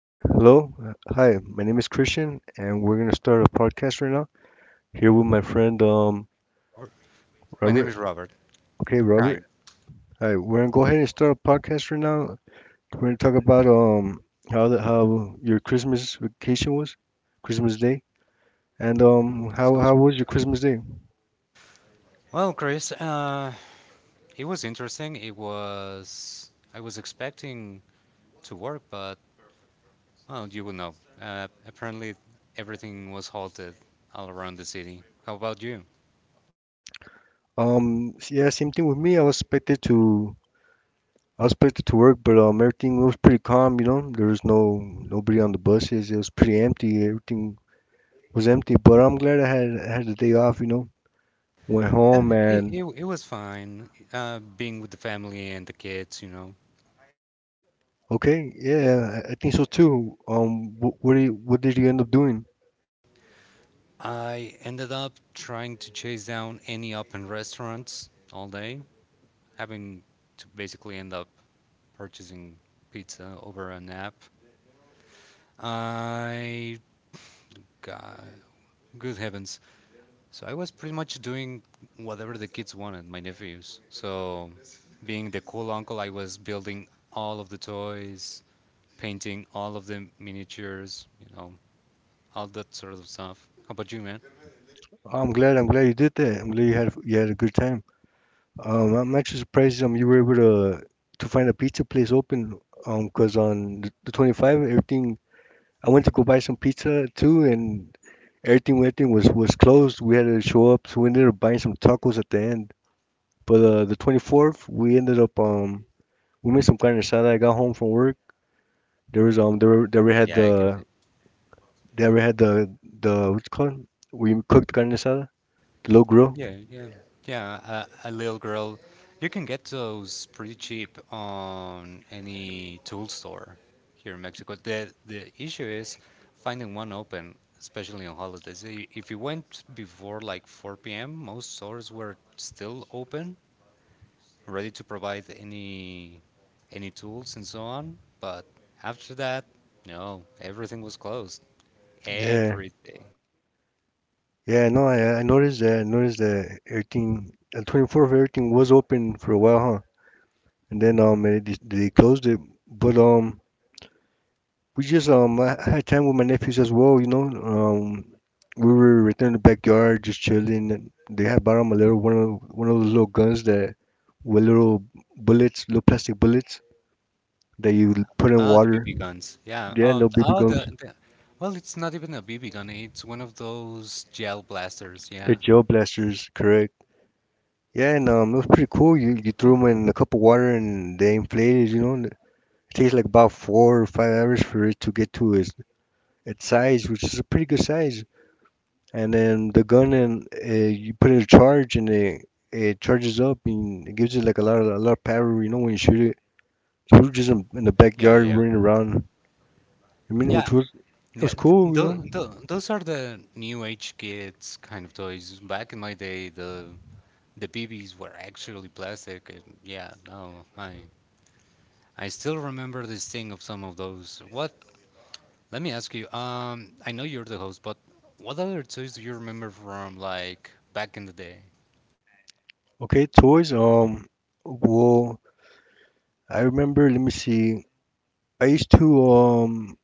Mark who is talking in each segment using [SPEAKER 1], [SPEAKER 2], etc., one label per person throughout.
[SPEAKER 1] Okay, hello. Hi, my name is Christian, and we're gonna start a podcast right now. Here with my friend
[SPEAKER 2] Robert. My name
[SPEAKER 1] Robert.
[SPEAKER 2] is Robert.
[SPEAKER 1] Okay,
[SPEAKER 2] Hi.
[SPEAKER 1] Robert. Hi, we're gonna go ahead and start a podcast right now. We're gonna talk about how your Christmas vacation was, Christmas Day, and how
[SPEAKER 2] Sounds
[SPEAKER 1] how was your Christmas Day?
[SPEAKER 2] Well, Chris. It was interesting. It was. I was expecting to work, but well, you would know. Apparently, everything was halted all around the city. How about you?
[SPEAKER 1] Yeah, same thing with me. I was expected to work, but everything was pretty calm. You know, there was no nobody on the buses. It was pretty empty. Everything was empty, but I'm glad I had the day off. You know. Went
[SPEAKER 2] Uh,
[SPEAKER 1] home
[SPEAKER 2] it,
[SPEAKER 1] and
[SPEAKER 2] it, it was fine. Being with the family and the kids, you know.
[SPEAKER 1] okay, yeah, I think so too. What do you, what did you end up doing?
[SPEAKER 2] I ended up trying to chase down any open restaurants all day, having to basically end up purchasing pizza over an app. I got, good heavens. So I was pretty much doing whatever the kids wanted, my nephews. So being the cool uncle, I was building all of the toys, painting all of the miniatures, you know, all that sort of stuff. How about you, man?
[SPEAKER 1] I'm glad you did that. I'm glad you had a good time. I'm actually surprised you were able to find a pizza place open. 'Cause on the 25th, everything I went to go buy some pizza too, and everything was closed. We had to show up, so we ended up buying some tacos at the end. But the 24th, we ended up we made some carne asada. I got home from work. There was there were- there we had
[SPEAKER 2] Yeah,
[SPEAKER 1] the
[SPEAKER 2] I can.
[SPEAKER 1] They we had the what's it called? We cooked carne asada, low grill.
[SPEAKER 2] Yeah, yeah, yeah. A little girl, you can get those pretty cheap on any tool store here in Mexico. The issue is finding one open, especially on holidays. If you went before like 4 p.m., most stores were still open, ready to provide any tools and so on. But after that, no, everything was closed.
[SPEAKER 1] Yeah,
[SPEAKER 2] Everything.
[SPEAKER 1] yeah. No, I noticed that. I noticed that everything, 24th everything was open for a while, huh? And then they closed it. But we just I had time with my nephews as well. You know, we were right there in the backyard just chilling. And they had bought 'em a little one of those little guns that with little bullets, little plastic bullets that you put in
[SPEAKER 2] Ah, the
[SPEAKER 1] water.
[SPEAKER 2] BB guns. Yeah.
[SPEAKER 1] Yeah,
[SPEAKER 2] Oh,
[SPEAKER 1] little
[SPEAKER 2] th-
[SPEAKER 1] BB
[SPEAKER 2] oh
[SPEAKER 1] guns.
[SPEAKER 2] the Well, it's not even a BB gun. It's one of those gel blasters.
[SPEAKER 1] The
[SPEAKER 2] Yeah.
[SPEAKER 1] Joe blasters, correct. Yeah, and it was pretty cool. You threw
[SPEAKER 2] Oh,
[SPEAKER 1] them in a cup of water and they inflated. You know, and it takes like about 4 or 5 hours for it to get to its size, which is a pretty good size. And then the gun and you put it in charge and it charges up and it gives it like a lot of power. You know, when you shoot it, we were just in the
[SPEAKER 2] yeah,
[SPEAKER 1] backyard
[SPEAKER 2] yeah,
[SPEAKER 1] running around. I mean, which
[SPEAKER 2] yeah.
[SPEAKER 1] was it was
[SPEAKER 2] Yeah,
[SPEAKER 1] cool.
[SPEAKER 2] th
[SPEAKER 1] You
[SPEAKER 2] tho-
[SPEAKER 1] know.
[SPEAKER 2] tho- those are the new age kids kind of toys. Back in my day, the BBs were actually plastic, and yeah, no, I still remember the sting of some of those. What? Let me ask you. I know you're the host, but what other toys do you remember from like back in the day?
[SPEAKER 1] Okay, toys. Well, I remember. Let me see. I used to um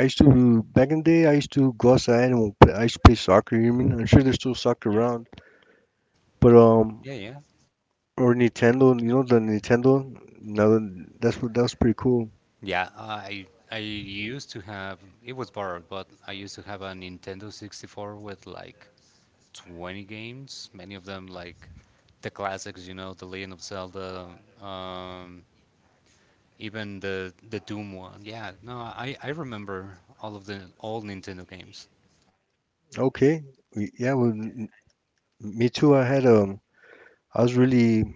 [SPEAKER 1] I used to back in the day. I used to go outside and play, I used to play soccer. You mean? I'm sure there's still soccer around, but
[SPEAKER 2] Yeah, yeah.
[SPEAKER 1] or Nintendo. You know the Nintendo. That's what that was pretty cool.
[SPEAKER 2] Yeah, I used to have, it was borrowed, but I used to have a Nintendo 64 with like 20 games, many of them like the classics, you know, The Legend of Zelda, um, even the Doom one. Yeah, no, I remember all of the old Nintendo games.
[SPEAKER 1] Okay, yeah. Well, me too. I was really you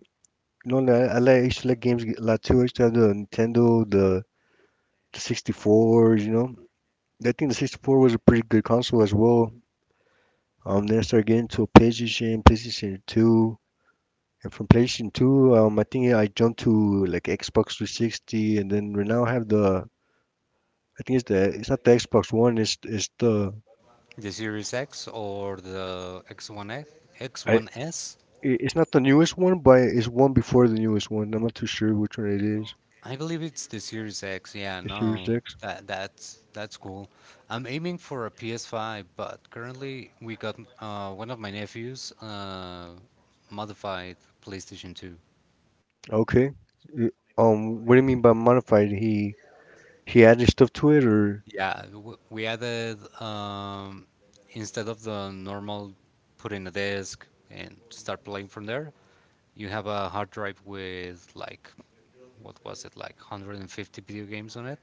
[SPEAKER 1] know like, I used to like games a lot too. I used to have the Nintendo, the 64. You know, I think the 64 was a pretty good console as well. Then I started getting to a PlayStation, PlayStation 2. And from PlayStation 2, I think I jumped to like Xbox 360, and then we now have the. I think it's the. It's not the Xbox One. It's the.
[SPEAKER 2] The Series X or the X1X, X
[SPEAKER 1] I
[SPEAKER 2] one S.
[SPEAKER 1] i- it's not the newest one, but it's one before the newest one. I'm not too sure which one it is.
[SPEAKER 2] I believe it's the Series X. Yeah,
[SPEAKER 1] The Series
[SPEAKER 2] no,
[SPEAKER 1] X.
[SPEAKER 2] that's cool. I'm aiming for a PS5, but currently we got one of my nephews modified PlayStation 2.
[SPEAKER 1] Okay. Y- what do you mean by modified? He added stuff to it, or
[SPEAKER 2] Yeah, we added instead of the normal put in a disk and start playing from there, you have a hard drive with like, what was it, like 150 video games on it.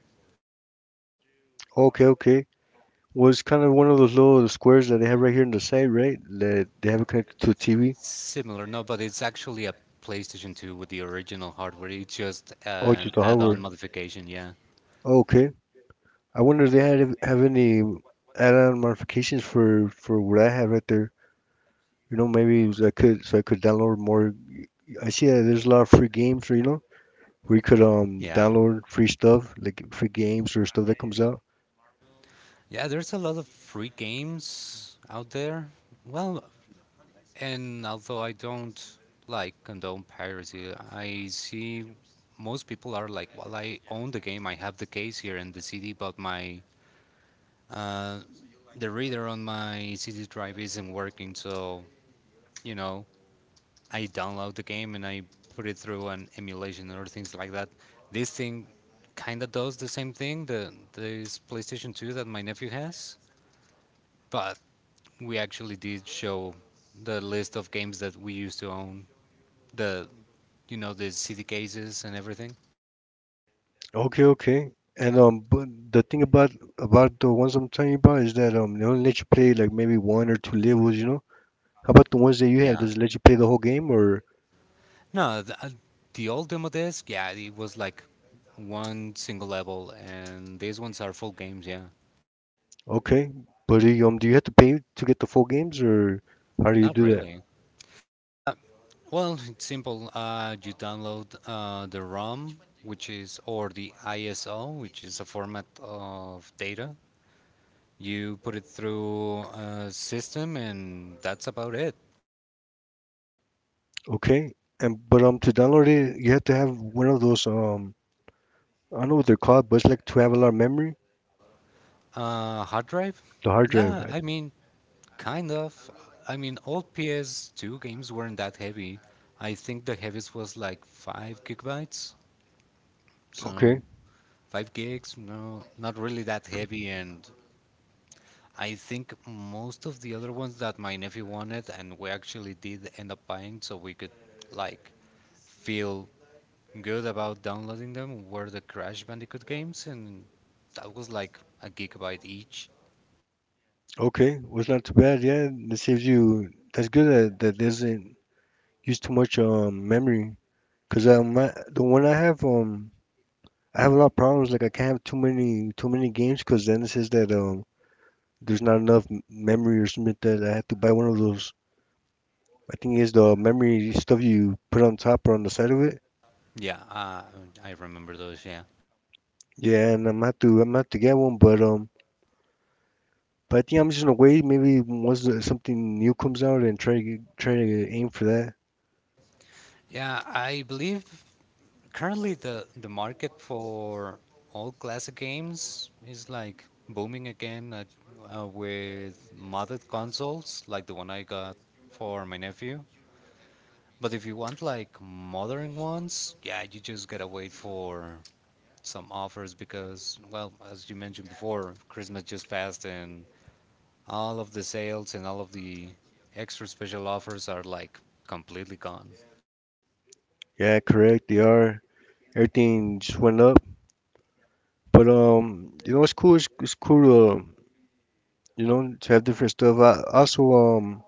[SPEAKER 1] okay, okay. Well, it's kind of one of those little squares that they have right here on the side, right? That they have it connected to a TV.
[SPEAKER 2] Similar, no, but it's actually a PlayStation 2 with the original hardware. It's just
[SPEAKER 1] Oh,
[SPEAKER 2] an
[SPEAKER 1] just the
[SPEAKER 2] add-on
[SPEAKER 1] hardware.
[SPEAKER 2] modification, yeah.
[SPEAKER 1] Okay. I wonder if they had have any add-on modifications for what I had right there. You know, maybe so I could download more. I see that there's a lot of free games, you know, where you could
[SPEAKER 2] Yeah.
[SPEAKER 1] download free stuff like free games or stuff that comes out.
[SPEAKER 2] Yeah, there's a lot of free games out there. Well, and although I don't like condone piracy, I see most people are like, well, I own the game, I have the case here and the CD, but my uh, the reader on my CD drive isn't working, so you know, I download the game and I put it through an emulation or things like that. This thing kind of does the same thing, the this PlayStation 2 that my nephew has, but we actually did show the list of games that we used to own, the you know, the CD cases and everything.
[SPEAKER 1] Okay, okay. And but the thing about the ones I'm telling you about is that they only let you play like maybe one or two levels, you know. How about the ones that you have?
[SPEAKER 2] Yeah.
[SPEAKER 1] Does it let you play the whole game or
[SPEAKER 2] No, the old demo disc, yeah, it was like one single level, and these ones are full games. Yeah,
[SPEAKER 1] okay? But do you have to pay to get the full games or how do you
[SPEAKER 2] not
[SPEAKER 1] do that?
[SPEAKER 2] really. Uh, Well, it's simple. You download the ROM, which is, or the ISO, which is a format of data. You put it through a system, and that's about it.
[SPEAKER 1] Okay. And but to download it, you have to have one of those I don't know what they're called, but it's like 12-hour memory,
[SPEAKER 2] Hard drive?
[SPEAKER 1] the hard drive.
[SPEAKER 2] Yeah,
[SPEAKER 1] Right?
[SPEAKER 2] I mean, kind of. I mean, old PS2 games weren't that heavy. I think the heaviest was like 5 gigabytes.
[SPEAKER 1] Okay.
[SPEAKER 2] So five gigs, no, not really that heavy, and I think most of the other ones that my nephew wanted, and we actually did end up buying, so we could like feel good about downloading them, were the Crash Bandicoot games, and that was like a gigabyte each.
[SPEAKER 1] Okay. Was not too bad. Yeah, that saves you. That's good that that doesn't use too much memory. Cause the one I have a lot of problems. Like I can't have too many games. Cause then it says that there's not enough memory or something like that. I have to buy one of those. I think it's the memory stuff you put on top or on the side of it.
[SPEAKER 2] Yeah, I remember those. Yeah,
[SPEAKER 1] Yeah, and I'm gonna have to get one, but. But I think I'm just gonna wait. Maybe once something new comes out and try to aim for that.
[SPEAKER 2] yeah. I believe currently the market for all classic games is like booming again with modded consoles, like the one I got for my nephew. But if you want like modern ones, yeah, you just gotta wait for some offers because, well, as you mentioned before, Christmas just passed and all of the sales and all of the extra special offers are like completely gone.
[SPEAKER 1] Yeah, correct. They are. Everything just went up. But you know, it's cool. It's cool to you know to have different stuff. I, also,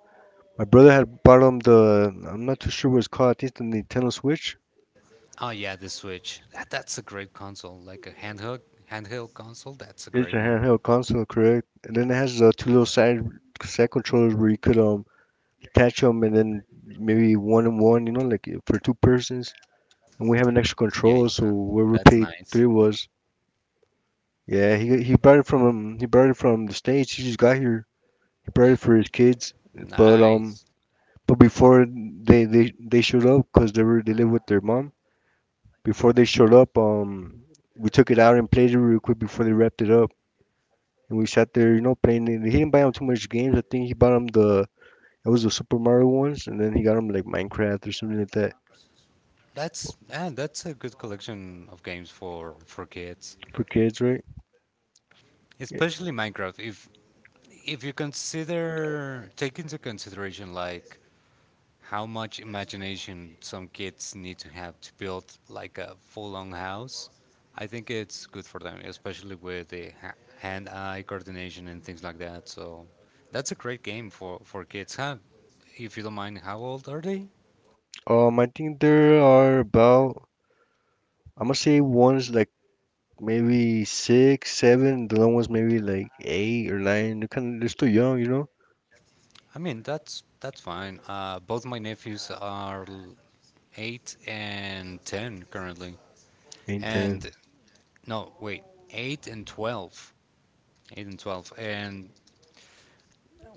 [SPEAKER 1] my brother had bought him the. I'm not too sure what it's called. I think it's the Nintendo Switch.
[SPEAKER 2] Oh yeah, the Switch. That's a great console, like a handheld console. That's a
[SPEAKER 1] It's
[SPEAKER 2] great
[SPEAKER 1] a
[SPEAKER 2] one.
[SPEAKER 1] handheld console, correct? And then it has the two little side controllers where you could attach them and then maybe one and one. You know, like for two persons. And we have an extra
[SPEAKER 2] Yeah,
[SPEAKER 1] control,
[SPEAKER 2] yeah,
[SPEAKER 1] so where we
[SPEAKER 2] that's
[SPEAKER 1] paid
[SPEAKER 2] nice.
[SPEAKER 1] three was. Yeah, he brought it from he brought it from the states. He just got here. He brought it for his kids, but um,
[SPEAKER 2] Nice.
[SPEAKER 1] but before they showed up, cause they live with their mom. Before they showed up, we took it out and played it real quick before they wrapped it up, and we sat there, you know, playing it. He didn't buy them too much games. I think he bought them the it was the Super Mario ones, and then he got them like Minecraft or something like that
[SPEAKER 2] That's, ah, that's a good collection of games for kids,
[SPEAKER 1] for kids, right? Yeah.
[SPEAKER 2] especially Minecraft. If you consider, take into consideration like how much imagination some kids need to have to build like a full-on house, I think it's good for them, especially with the hand-eye coordination and things like that. So that's a great game for kids, huh? If you don't mind, how old are they?
[SPEAKER 1] I think there are about I'm gonna say one's like maybe six, seven. The long ones maybe like eight or nine. They're kind of they're still young, you know.
[SPEAKER 2] I mean, that's fine. Both my nephews are 8 and 10 currently,
[SPEAKER 1] And ten.
[SPEAKER 2] and no, wait, 8 and 12. 8 and 12. And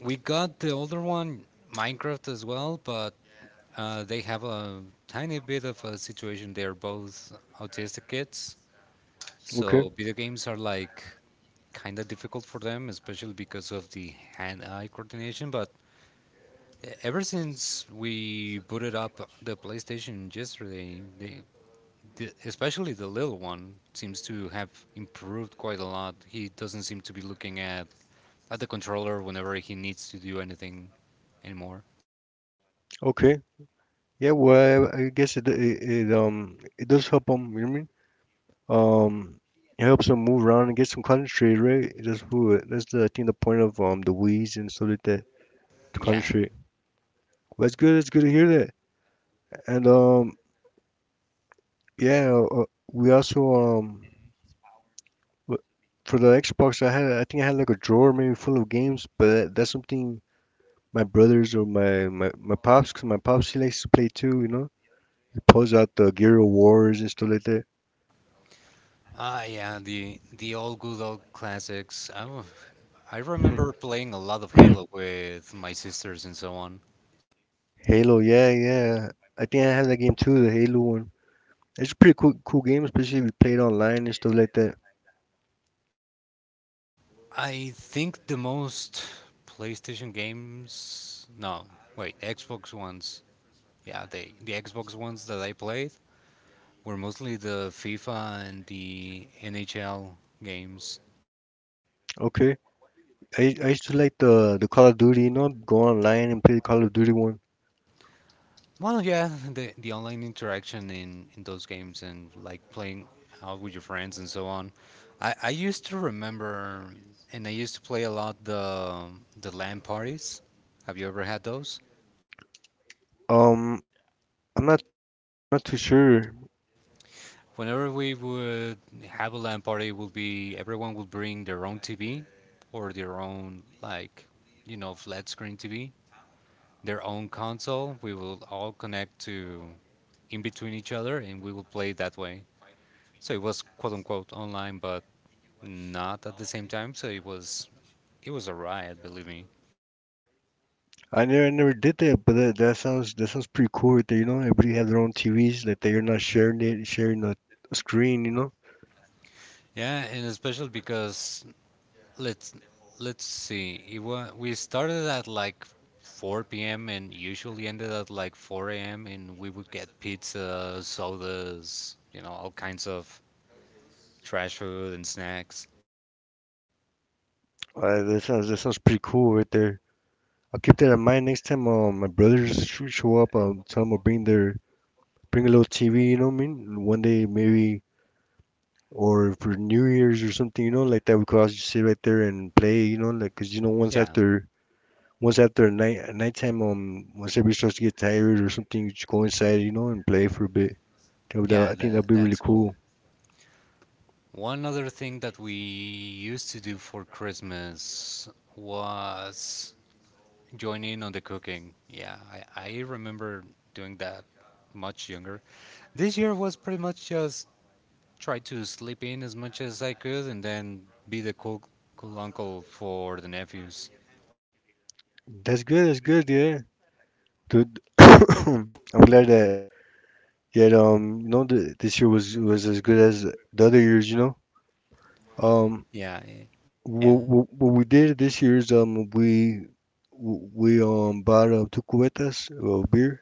[SPEAKER 2] we got the older one, Minecraft as well, but they have a tiny bit of a situation. They're both autistic kids,
[SPEAKER 1] Okay,
[SPEAKER 2] so video games are like kind of difficult for them, especially because of the hand-eye coordination. But ever since we booted up the PlayStation yesterday, especially the little one seems to have improved quite a lot. He doesn't seem to be looking at the controller whenever he needs to do anything anymore.
[SPEAKER 1] okay. Yeah, well, it it does help them. You know what I mean? It helps them move around and get some concentrate, right? That's who. That's the I think the point of the weeds and stuff like that to
[SPEAKER 2] Yeah.
[SPEAKER 1] concentrate. Well, that's good. That's good to hear that. And yeah, we also w- For the Xbox, I think I had like a drawer maybe full of games, but that, that's something my brothers or my pops, 'cause my pops he likes to play too, you know. He pulls out the Gear of Wars and stuff like that.
[SPEAKER 2] Ah, yeah, the old good old classics. I remember playing a lot of Halo with my sisters and so on.
[SPEAKER 1] Halo, yeah, yeah. I think I have that game too, the Halo one. It's a pretty cool game, especially if you play it online and stuff like that.
[SPEAKER 2] I think the most PlayStation games, no, wait, Xbox ones. Yeah, they, the Xbox ones that I played were mostly the FIFA and the NHL games.
[SPEAKER 1] Okay. I used to like the Call of Duty, you know, go online and play the Call of Duty one.
[SPEAKER 2] Well, yeah, the online interaction in those games and like playing out with your friends and so on. I used to remember, and I used to play a lot, the LAN parties. Have you ever had those?
[SPEAKER 1] Um, I'm not not too sure.
[SPEAKER 2] Whenever we would have a LAN party, would be, everyone would bring their own TV or their own like, you know, flat screen TV, their own console. We will all connect to in between each other, and we will play that way. So it was quote unquote online, but not at the same time, so it was a riot, believe me.
[SPEAKER 1] I never did that, but that sounds pretty cool right there, you know. Everybody have their own TVs, like they're not sharing a screen, you know.
[SPEAKER 2] Yeah, and especially because let's let's see, we started at like 4 p.m. and usually ended at like 4 a.m. and we would get pizza, sodas, you know, all kinds of trash food and snacks.
[SPEAKER 1] That sounds pretty cool right there. I'll keep that in mind next time my brothers should show up. I'll tell them I'll bring their bring a little TV. You know what I mean? And one day maybe, or for New Year's or something. You know, like that we could all just sit right there and play. You know, like because you know
[SPEAKER 2] Yeah,
[SPEAKER 1] once after a night at nighttime once everybody starts to get tired or something, you just go inside. You know, and play for a bit.
[SPEAKER 2] yeah,
[SPEAKER 1] I think that'd
[SPEAKER 2] that,
[SPEAKER 1] be really
[SPEAKER 2] that's cool.
[SPEAKER 1] cool.
[SPEAKER 2] One other thing that we used to do for Christmas was join in on the cooking. Yeah, I remember doing that much younger. This year was pretty much just try to sleep in as much as I could, and then be the cool, cool uncle for the nephews.
[SPEAKER 1] That's good. That's good. Yeah, dude. I'm glad that Yet, you know, th this year was as good as the other years. Um,
[SPEAKER 2] Yeah, yeah,
[SPEAKER 1] what we did this year is we bought two cubetas of beer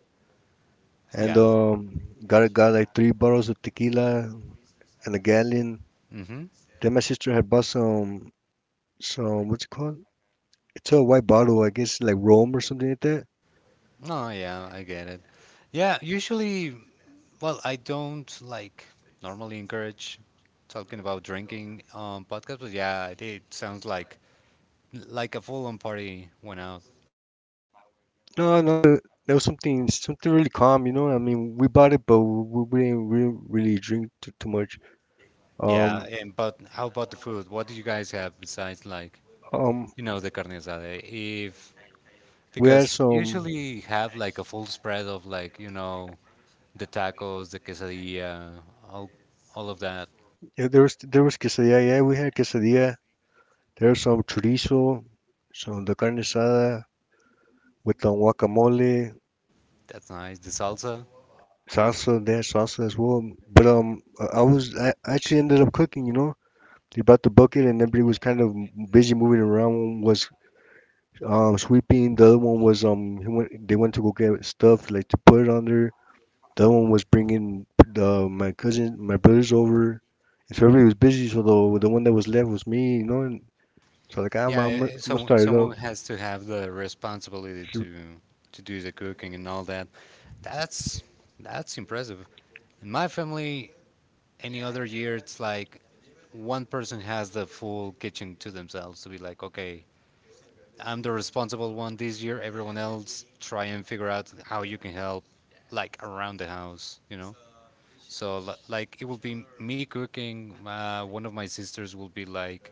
[SPEAKER 1] and
[SPEAKER 2] yeah.
[SPEAKER 1] got like three bottles of tequila and a gallon.
[SPEAKER 2] Mm-hmm.
[SPEAKER 1] Then my sister had bought some what's it called? It's a white bottle, I guess, like rum or something like that.
[SPEAKER 2] Oh, yeah, I get it. Yeah, usually, well, I don't like normally encourage talking about drinking on podcasts, but yeah, it sounds like a full-on party went out.
[SPEAKER 1] No, no, that was something really calm. You know, I mean, we bought it, but we didn't really drink too much.
[SPEAKER 2] Yeah,
[SPEAKER 1] Um,
[SPEAKER 2] and but how about the food? What do you guys have besides like,
[SPEAKER 1] um,
[SPEAKER 2] you know, the carne asada? If
[SPEAKER 1] We had
[SPEAKER 2] Because
[SPEAKER 1] some.
[SPEAKER 2] usually have like a full spread of like, you know, the tacos, the quesadilla, all of that.
[SPEAKER 1] Yeah, there was quesadilla. Yeah, we had quesadilla. There was some chorizo, some the carne asada with guacamole,
[SPEAKER 2] That's nice. The salsa.
[SPEAKER 1] salsa. They had salsa as well. But I was I actually ended up cooking. You know, they brought the bucket and everybody was kind of busy moving around. One was sweeping. The other one was they went to go get stuff like to put it on there. The other one was bringing the my cousin my brothers over. And so everybody was busy. So the one that was left was me, you know. So like I'm
[SPEAKER 2] Yeah,
[SPEAKER 1] I'm I'm
[SPEAKER 2] i- i-
[SPEAKER 1] gonna
[SPEAKER 2] someone
[SPEAKER 1] start it up.
[SPEAKER 2] someone has to have the responsibility
[SPEAKER 1] So-
[SPEAKER 2] to do the cooking and all that. That's that's impressive. In my family, any other year, it's like one person has the full kitchen to themselves to be like, okay, I'm the responsible one this year. Everyone else try and figure out how you can help, like around the house, you know. So like it will be me cooking. One of my sisters will be like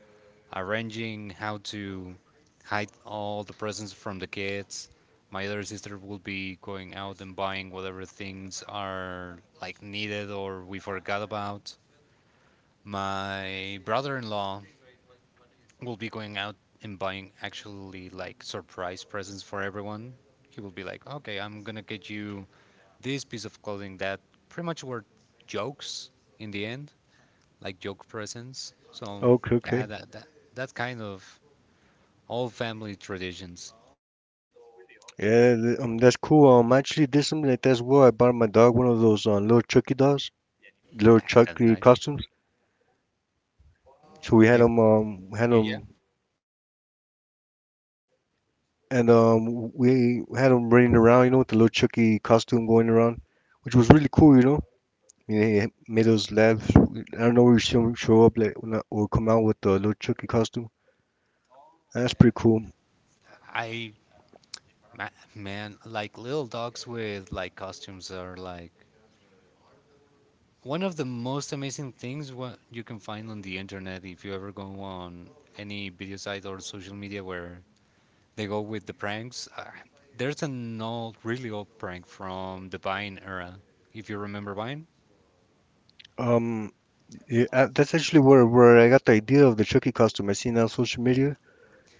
[SPEAKER 2] arranging how to hide all the presents from the kids. My other sister will be going out and buying whatever things are like needed or we forgot about. My brother-in-law will be going out and buying actually like surprise presents for everyone. He will be like, okay, I'm gonna get you this piece of clothing, that pretty much were jokes in the end, like joke presents. So
[SPEAKER 1] Okay,
[SPEAKER 2] yeah,
[SPEAKER 1] okay.
[SPEAKER 2] that kind of old family traditions.
[SPEAKER 1] That's cool. I actually did something like that as well. I bought my dog one of those little
[SPEAKER 2] Yeah, that's
[SPEAKER 1] Chucky
[SPEAKER 2] nice.
[SPEAKER 1] costumes. So we
[SPEAKER 2] And,
[SPEAKER 1] had
[SPEAKER 2] yeah, yeah.
[SPEAKER 1] him, and we had him running around, you know, with the little Chucky costume going around, which was really cool, you know. I mean, it made us laugh. I don't know, we show up like when I, or come out with the little Chucky costume. That's pretty cool.
[SPEAKER 2] I ma- Man, like little dogs with like costumes are like one of the most amazing things what you can find on the internet. If you ever go on any video site or social media where they go with the pranks, there's an old, really old prank from the Vine era. If you remember Vine,
[SPEAKER 1] Um, yeah, that's actually where I got the idea of the Chucky costume. I seen it on social
[SPEAKER 2] yeah.
[SPEAKER 1] media,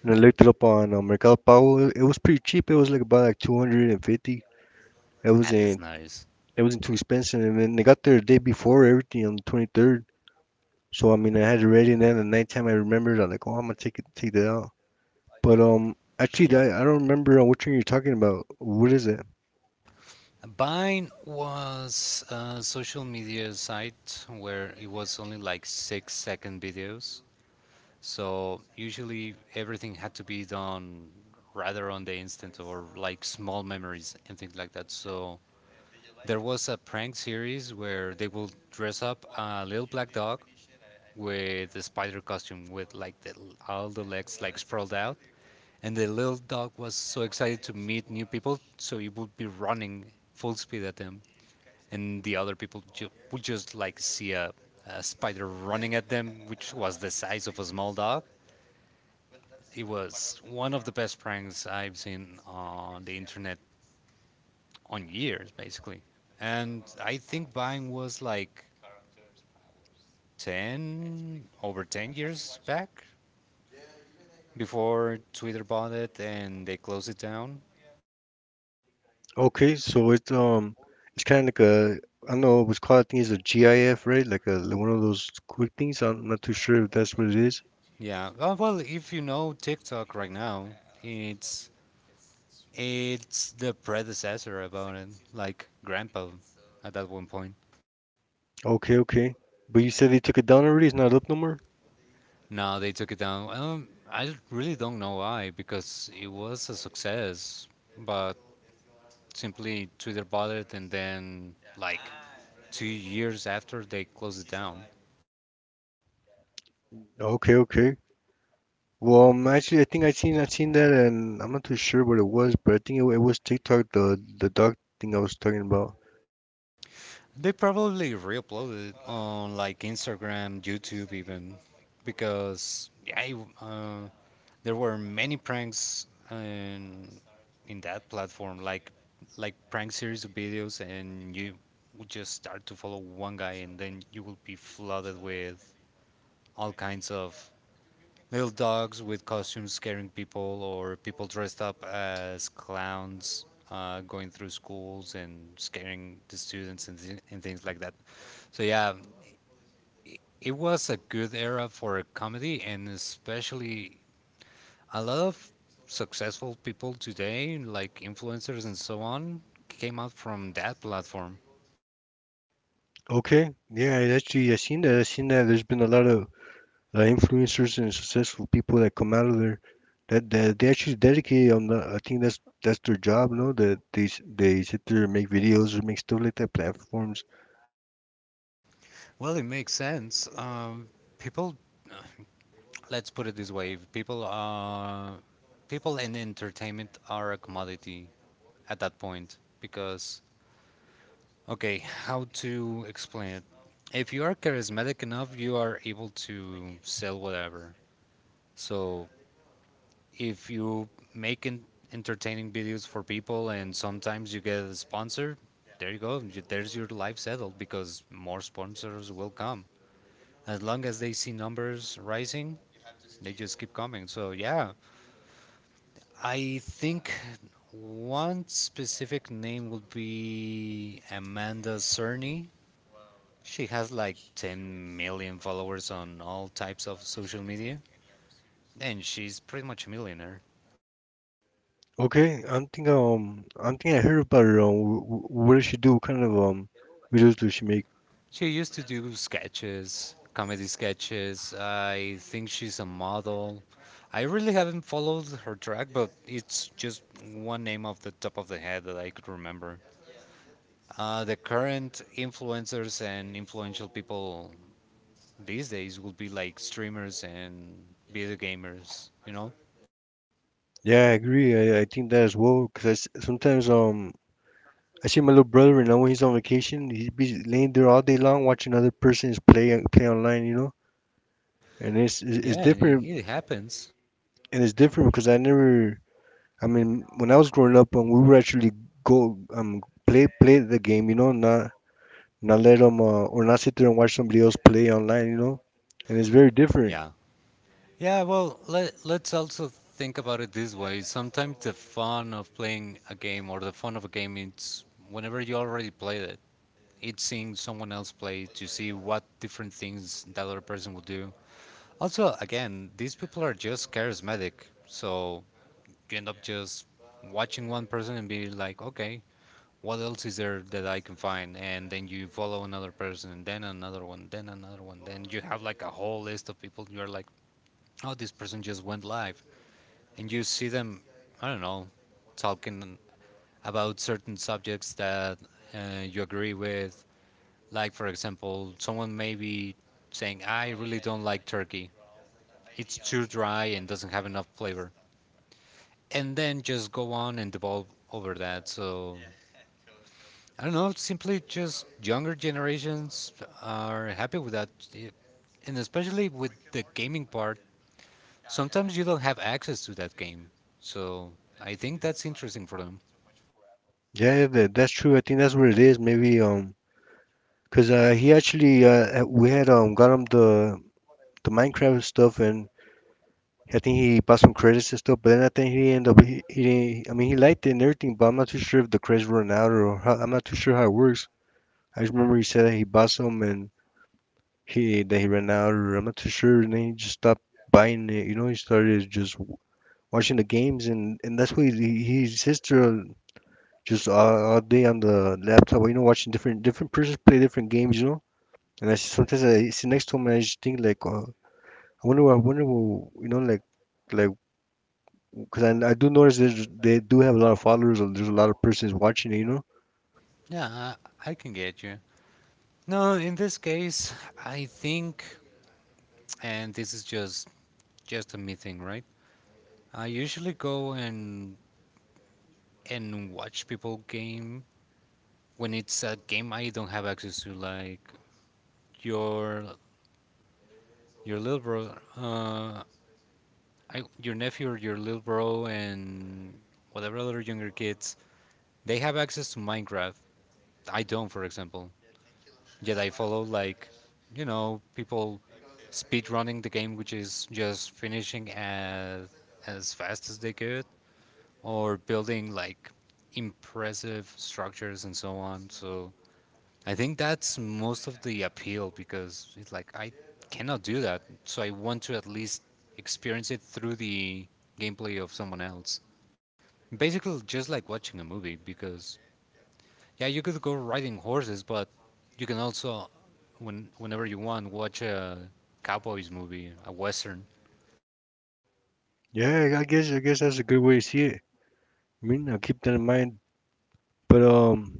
[SPEAKER 1] and I looked it up on Mercado Pago. It was pretty cheap. It was like about like 250. It
[SPEAKER 2] Ah, that's
[SPEAKER 1] wasn't
[SPEAKER 2] nice.
[SPEAKER 1] it wasn't too expensive. And then they got there the day before everything on the 23rd. So I mean, I had it ready. And then at nighttime, I remembered. I'm like, oh, I'm gonna take that out. But actually,
[SPEAKER 2] Yeah,
[SPEAKER 1] that, I don't remember which one you're talking about. What is it?
[SPEAKER 2] Vine was a social media site where it was only like 6 second videos. So usually everything had to be done rather on the instant or like small memories and things like that. So there was a prank series where they will dress up a little black dog with a spider costume with all the legs like sprawled out, and the little dog was so excited to meet new people so he would be running full speed at them, and the other people would just like see a spider running at them, which was the size of a small dog. It was one of the best pranks I've seen on the internet on years, basically. And I think Vine was like 10, over 10 years back before Twitter bought it and they closed it down.
[SPEAKER 1] Okay, so it's kind of like a, I don't know what's called. I think it's a GIF, right? Like a like one of those quick things. I'm not too sure if that's what it is.
[SPEAKER 2] Yeah. Well, if you know TikTok right now, it's it's the predecessor about it, like grandpa at that one point.
[SPEAKER 1] Okay, okay. But you said they took it down already. It's not up no more.
[SPEAKER 2] No, they took it down. I really don't know why because it was a success, but simply Twitter bought it, and then like 2 years after they closed it down.
[SPEAKER 1] Okay, okay. Well, actually, I think I seen that, and I'm not too sure what it was, but I think it was TikTok, the dog thing I was talking about.
[SPEAKER 2] They probably re-uploaded it on like Instagram, YouTube, even because yeah, there were many pranks in that platform, like prank series of videos, and you would just start to follow one guy, and then you will be flooded with all kinds of little dogs with costumes scaring people, or people dressed up as clowns going through schools and scaring the students, and and things like that. So, yeah, it was a good era for a comedy, and especially a lot of successful people today, like influencers and so on, came out from that platform.
[SPEAKER 1] Okay, yeah, I actually I seen that. I seen that. There's been a lot of influencers and successful people that come out of there that they actually dedicate on the, I think that's their job, no? That they sit there and make videos or make stuff like that platforms.
[SPEAKER 2] Well, it makes sense. People, let's put it this way: people, people and entertainment are a commodity at that point because, okay, how to explain it? If you are charismatic enough, you are able to sell whatever. So if you make en- entertaining videos for people and sometimes you get a sponsor, there you go. There's your life settled because more sponsors will come. As long as they see numbers rising, they just keep coming. So yeah, I think one specific name would be Amanda Cerny. She has like 10 million followers on all types of social media, and she's pretty much a millionaire.
[SPEAKER 1] Okay, I'm thinking I heard about her. What does she do? What kind of videos does she make?
[SPEAKER 2] She used to do sketches, comedy sketches. I think she's a model. I really haven't followed her track, but it's just one name off the top of the head that I could remember. The current influencers and influential people these days will be like streamers and video gamers, you know?
[SPEAKER 1] Yeah, I agree. I think that as well, because sometimes I see my little brother, and now when he's on vacation, he'd be laying there all day long watching other persons play play online, you know. And it's
[SPEAKER 2] Yeah, and
[SPEAKER 1] different,
[SPEAKER 2] it happens.
[SPEAKER 1] and it's different because I never, I mean when I was growing up, we would actually go play the game, you know, not not let them or not sit there and watch somebody else play online, you know. And it's very different.
[SPEAKER 2] Yeah. Yeah, well, let's also think about it this way. Sometimes the fun of playing a game or the fun of a game is whenever you already played it. It's seeing someone else play to see what different things that other person will do. Also, again, these people are just charismatic, so you end up just watching one person and be like, okay, what else is there that I can find? And then you follow another person, and then another one, then another one. Then you have like a whole list of people. You're like, oh, this person just went live and you see them, I don't know, talking about certain subjects that you agree with. Like, for example, someone may be saying, I really don't like turkey. It's too dry and doesn't have enough flavor. And then just go on and devolve over that. So, I don't know, simply just younger generations are happy with that. It- And especially with the gaming part, sometimes you don't have access to that game. So, I think that's interesting for them.
[SPEAKER 1] Yeah, yeah, that's true. I think that's what it is. Maybe cause he actually, we had got him the Minecraft stuff, and I think he passed some credits and stuff. But then I think he didn't. I mean, he liked it and everything, but I'm not too sure if the credits run out or how. I'm not too sure how it works. I just remember he said that he bought some, and he ran out, or I'm not too sure. And then he just stopped buying it. You know, he started just watching the games, and that's what he, his sister, just all day on the laptop, you know, watching different persons play different games, you know. And I see sometimes I sit next to him and I just think like, what, you know, like because I do notice that they do have a lot of followers, and there's a lot of persons watching it, you know.
[SPEAKER 2] Yeah, I can get you. No, in this case, I think, and this is just a me thing, right? I usually go and watch people game when it's a game I don't have access to, like your your little bro, your nephew or your little bro, and whatever other younger kids. They have access to Minecraft. I don't, for example. Yet I follow like, you know, people speedrunning the game, which is just finishing as fast as they could, or building like impressive structures and so on. So I think that's most of the appeal because it's like I cannot do that. So I want to at least experience it through the gameplay of someone else. Basically, just like watching a movie because yeah, you could go riding horses, but you can also whenever you want watch a cowboys movie, a western.
[SPEAKER 1] Yeah, I guess that's a good way to see it. I mean, I'll keep that in mind. But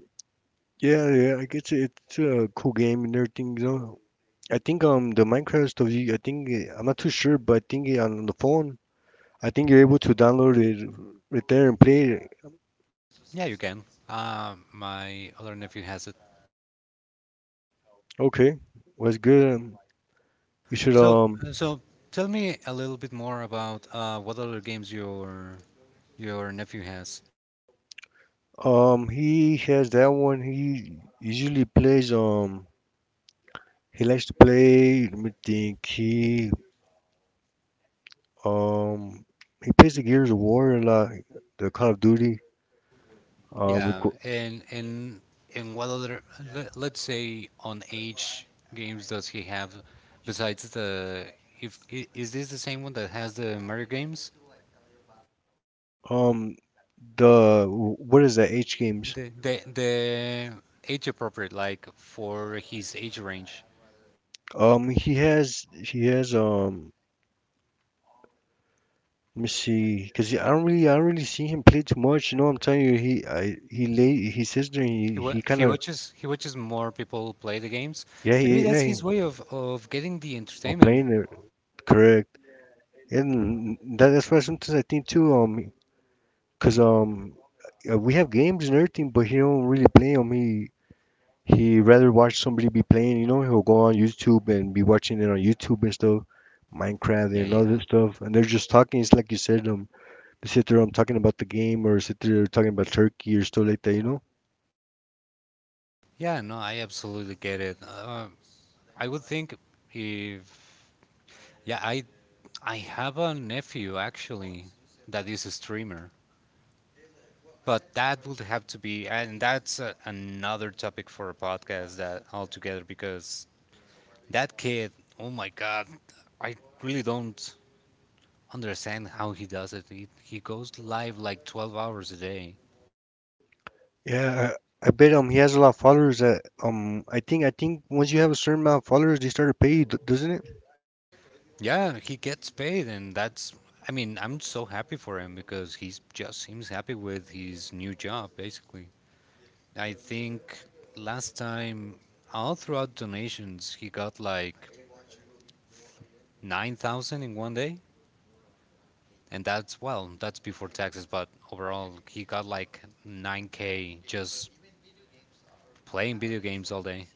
[SPEAKER 1] yeah, yeah, I guess it's a cool game and everything. You know, I think the Minecraft stuff, I think I'm not too sure, but I think on the phone, I think you're able to download it right there and play it.
[SPEAKER 2] Yeah, you can. My other nephew has it.
[SPEAKER 1] Okay, well, that's good. You should
[SPEAKER 2] So, so tell me a little bit more about what other games your nephew has.
[SPEAKER 1] he has that one. He usually plays he likes to play. Let me think. Um he plays the Gears of War a lot, the Call of Duty. Um, the,
[SPEAKER 2] Yeah,
[SPEAKER 1] Gro-
[SPEAKER 2] and and what other, let's say on age, games does he have besides the, if I- is this the same one that has the Mario games?
[SPEAKER 1] um, the what is that? H games.
[SPEAKER 2] The the age appropriate, like for his age range.
[SPEAKER 1] He has let me see, cause I don't really see him play too much. You know, I'm telling you, he late his sister. He he kind
[SPEAKER 2] He
[SPEAKER 1] of,
[SPEAKER 2] watches, he watches more people play the games.
[SPEAKER 1] yeah
[SPEAKER 2] Maybe
[SPEAKER 1] he,
[SPEAKER 2] that's his way of getting the
[SPEAKER 1] well,
[SPEAKER 2] entertainment.
[SPEAKER 1] playing it, correct, and that's why sometimes I think too, cause we have games and everything, but he don't really play them. He rather watch somebody be playing, you know, he'll go on YouTube and be watching it on YouTube and stuff, Minecraft
[SPEAKER 2] Yeah,
[SPEAKER 1] and other
[SPEAKER 2] yeah,
[SPEAKER 1] stuff, and they're just talking. It's like you said, they sit there, talking about the game or sit there talking about Turkey or stuff like that, you know?
[SPEAKER 2] yeah. No, I absolutely get it. I would think, if yeah, I have a nephew actually that is a streamer, but that would have to be, and that's a, another topic for a podcast that altogether because that kid, oh my God, I really don't understand how he does it. He goes live like 12 hours a day.
[SPEAKER 1] Yeah, I bet he has a lot of followers that I think once you have a certain amount of followers, they start to pay you, doesn't it?
[SPEAKER 2] Yeah, he gets paid, and that's. I mean, I'm so happy for him because he just seems happy with his new job, basically. I think last time, all throughout donations, he got like 9,000 in one day. And that's, well, that's before taxes, but overall, he got like 9K just playing video games all day.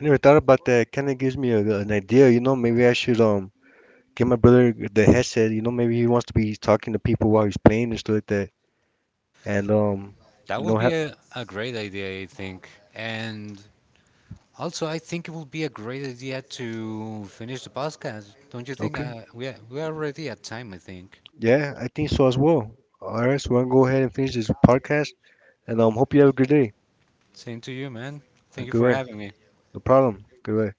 [SPEAKER 1] I never thought about that. Kind of gives me a, an idea, you know. Maybe I should get my brother the headset, you know. Maybe he wants to be talking to people while he's playing and stuff like that, and
[SPEAKER 2] That
[SPEAKER 1] you know,
[SPEAKER 2] would be
[SPEAKER 1] have
[SPEAKER 2] a great idea, I think. And also, I think it would be a great idea to finish the podcast. Don't you think?
[SPEAKER 1] okay.
[SPEAKER 2] We are already at time, I think.
[SPEAKER 1] Yeah, I think so as well. All right, so we're gonna go ahead and finish this podcast, and hope you have a good day.
[SPEAKER 2] Same to you, man. Thank
[SPEAKER 1] Or
[SPEAKER 2] you
[SPEAKER 1] good
[SPEAKER 2] for
[SPEAKER 1] way.
[SPEAKER 2] having me.
[SPEAKER 1] No problem. Good way.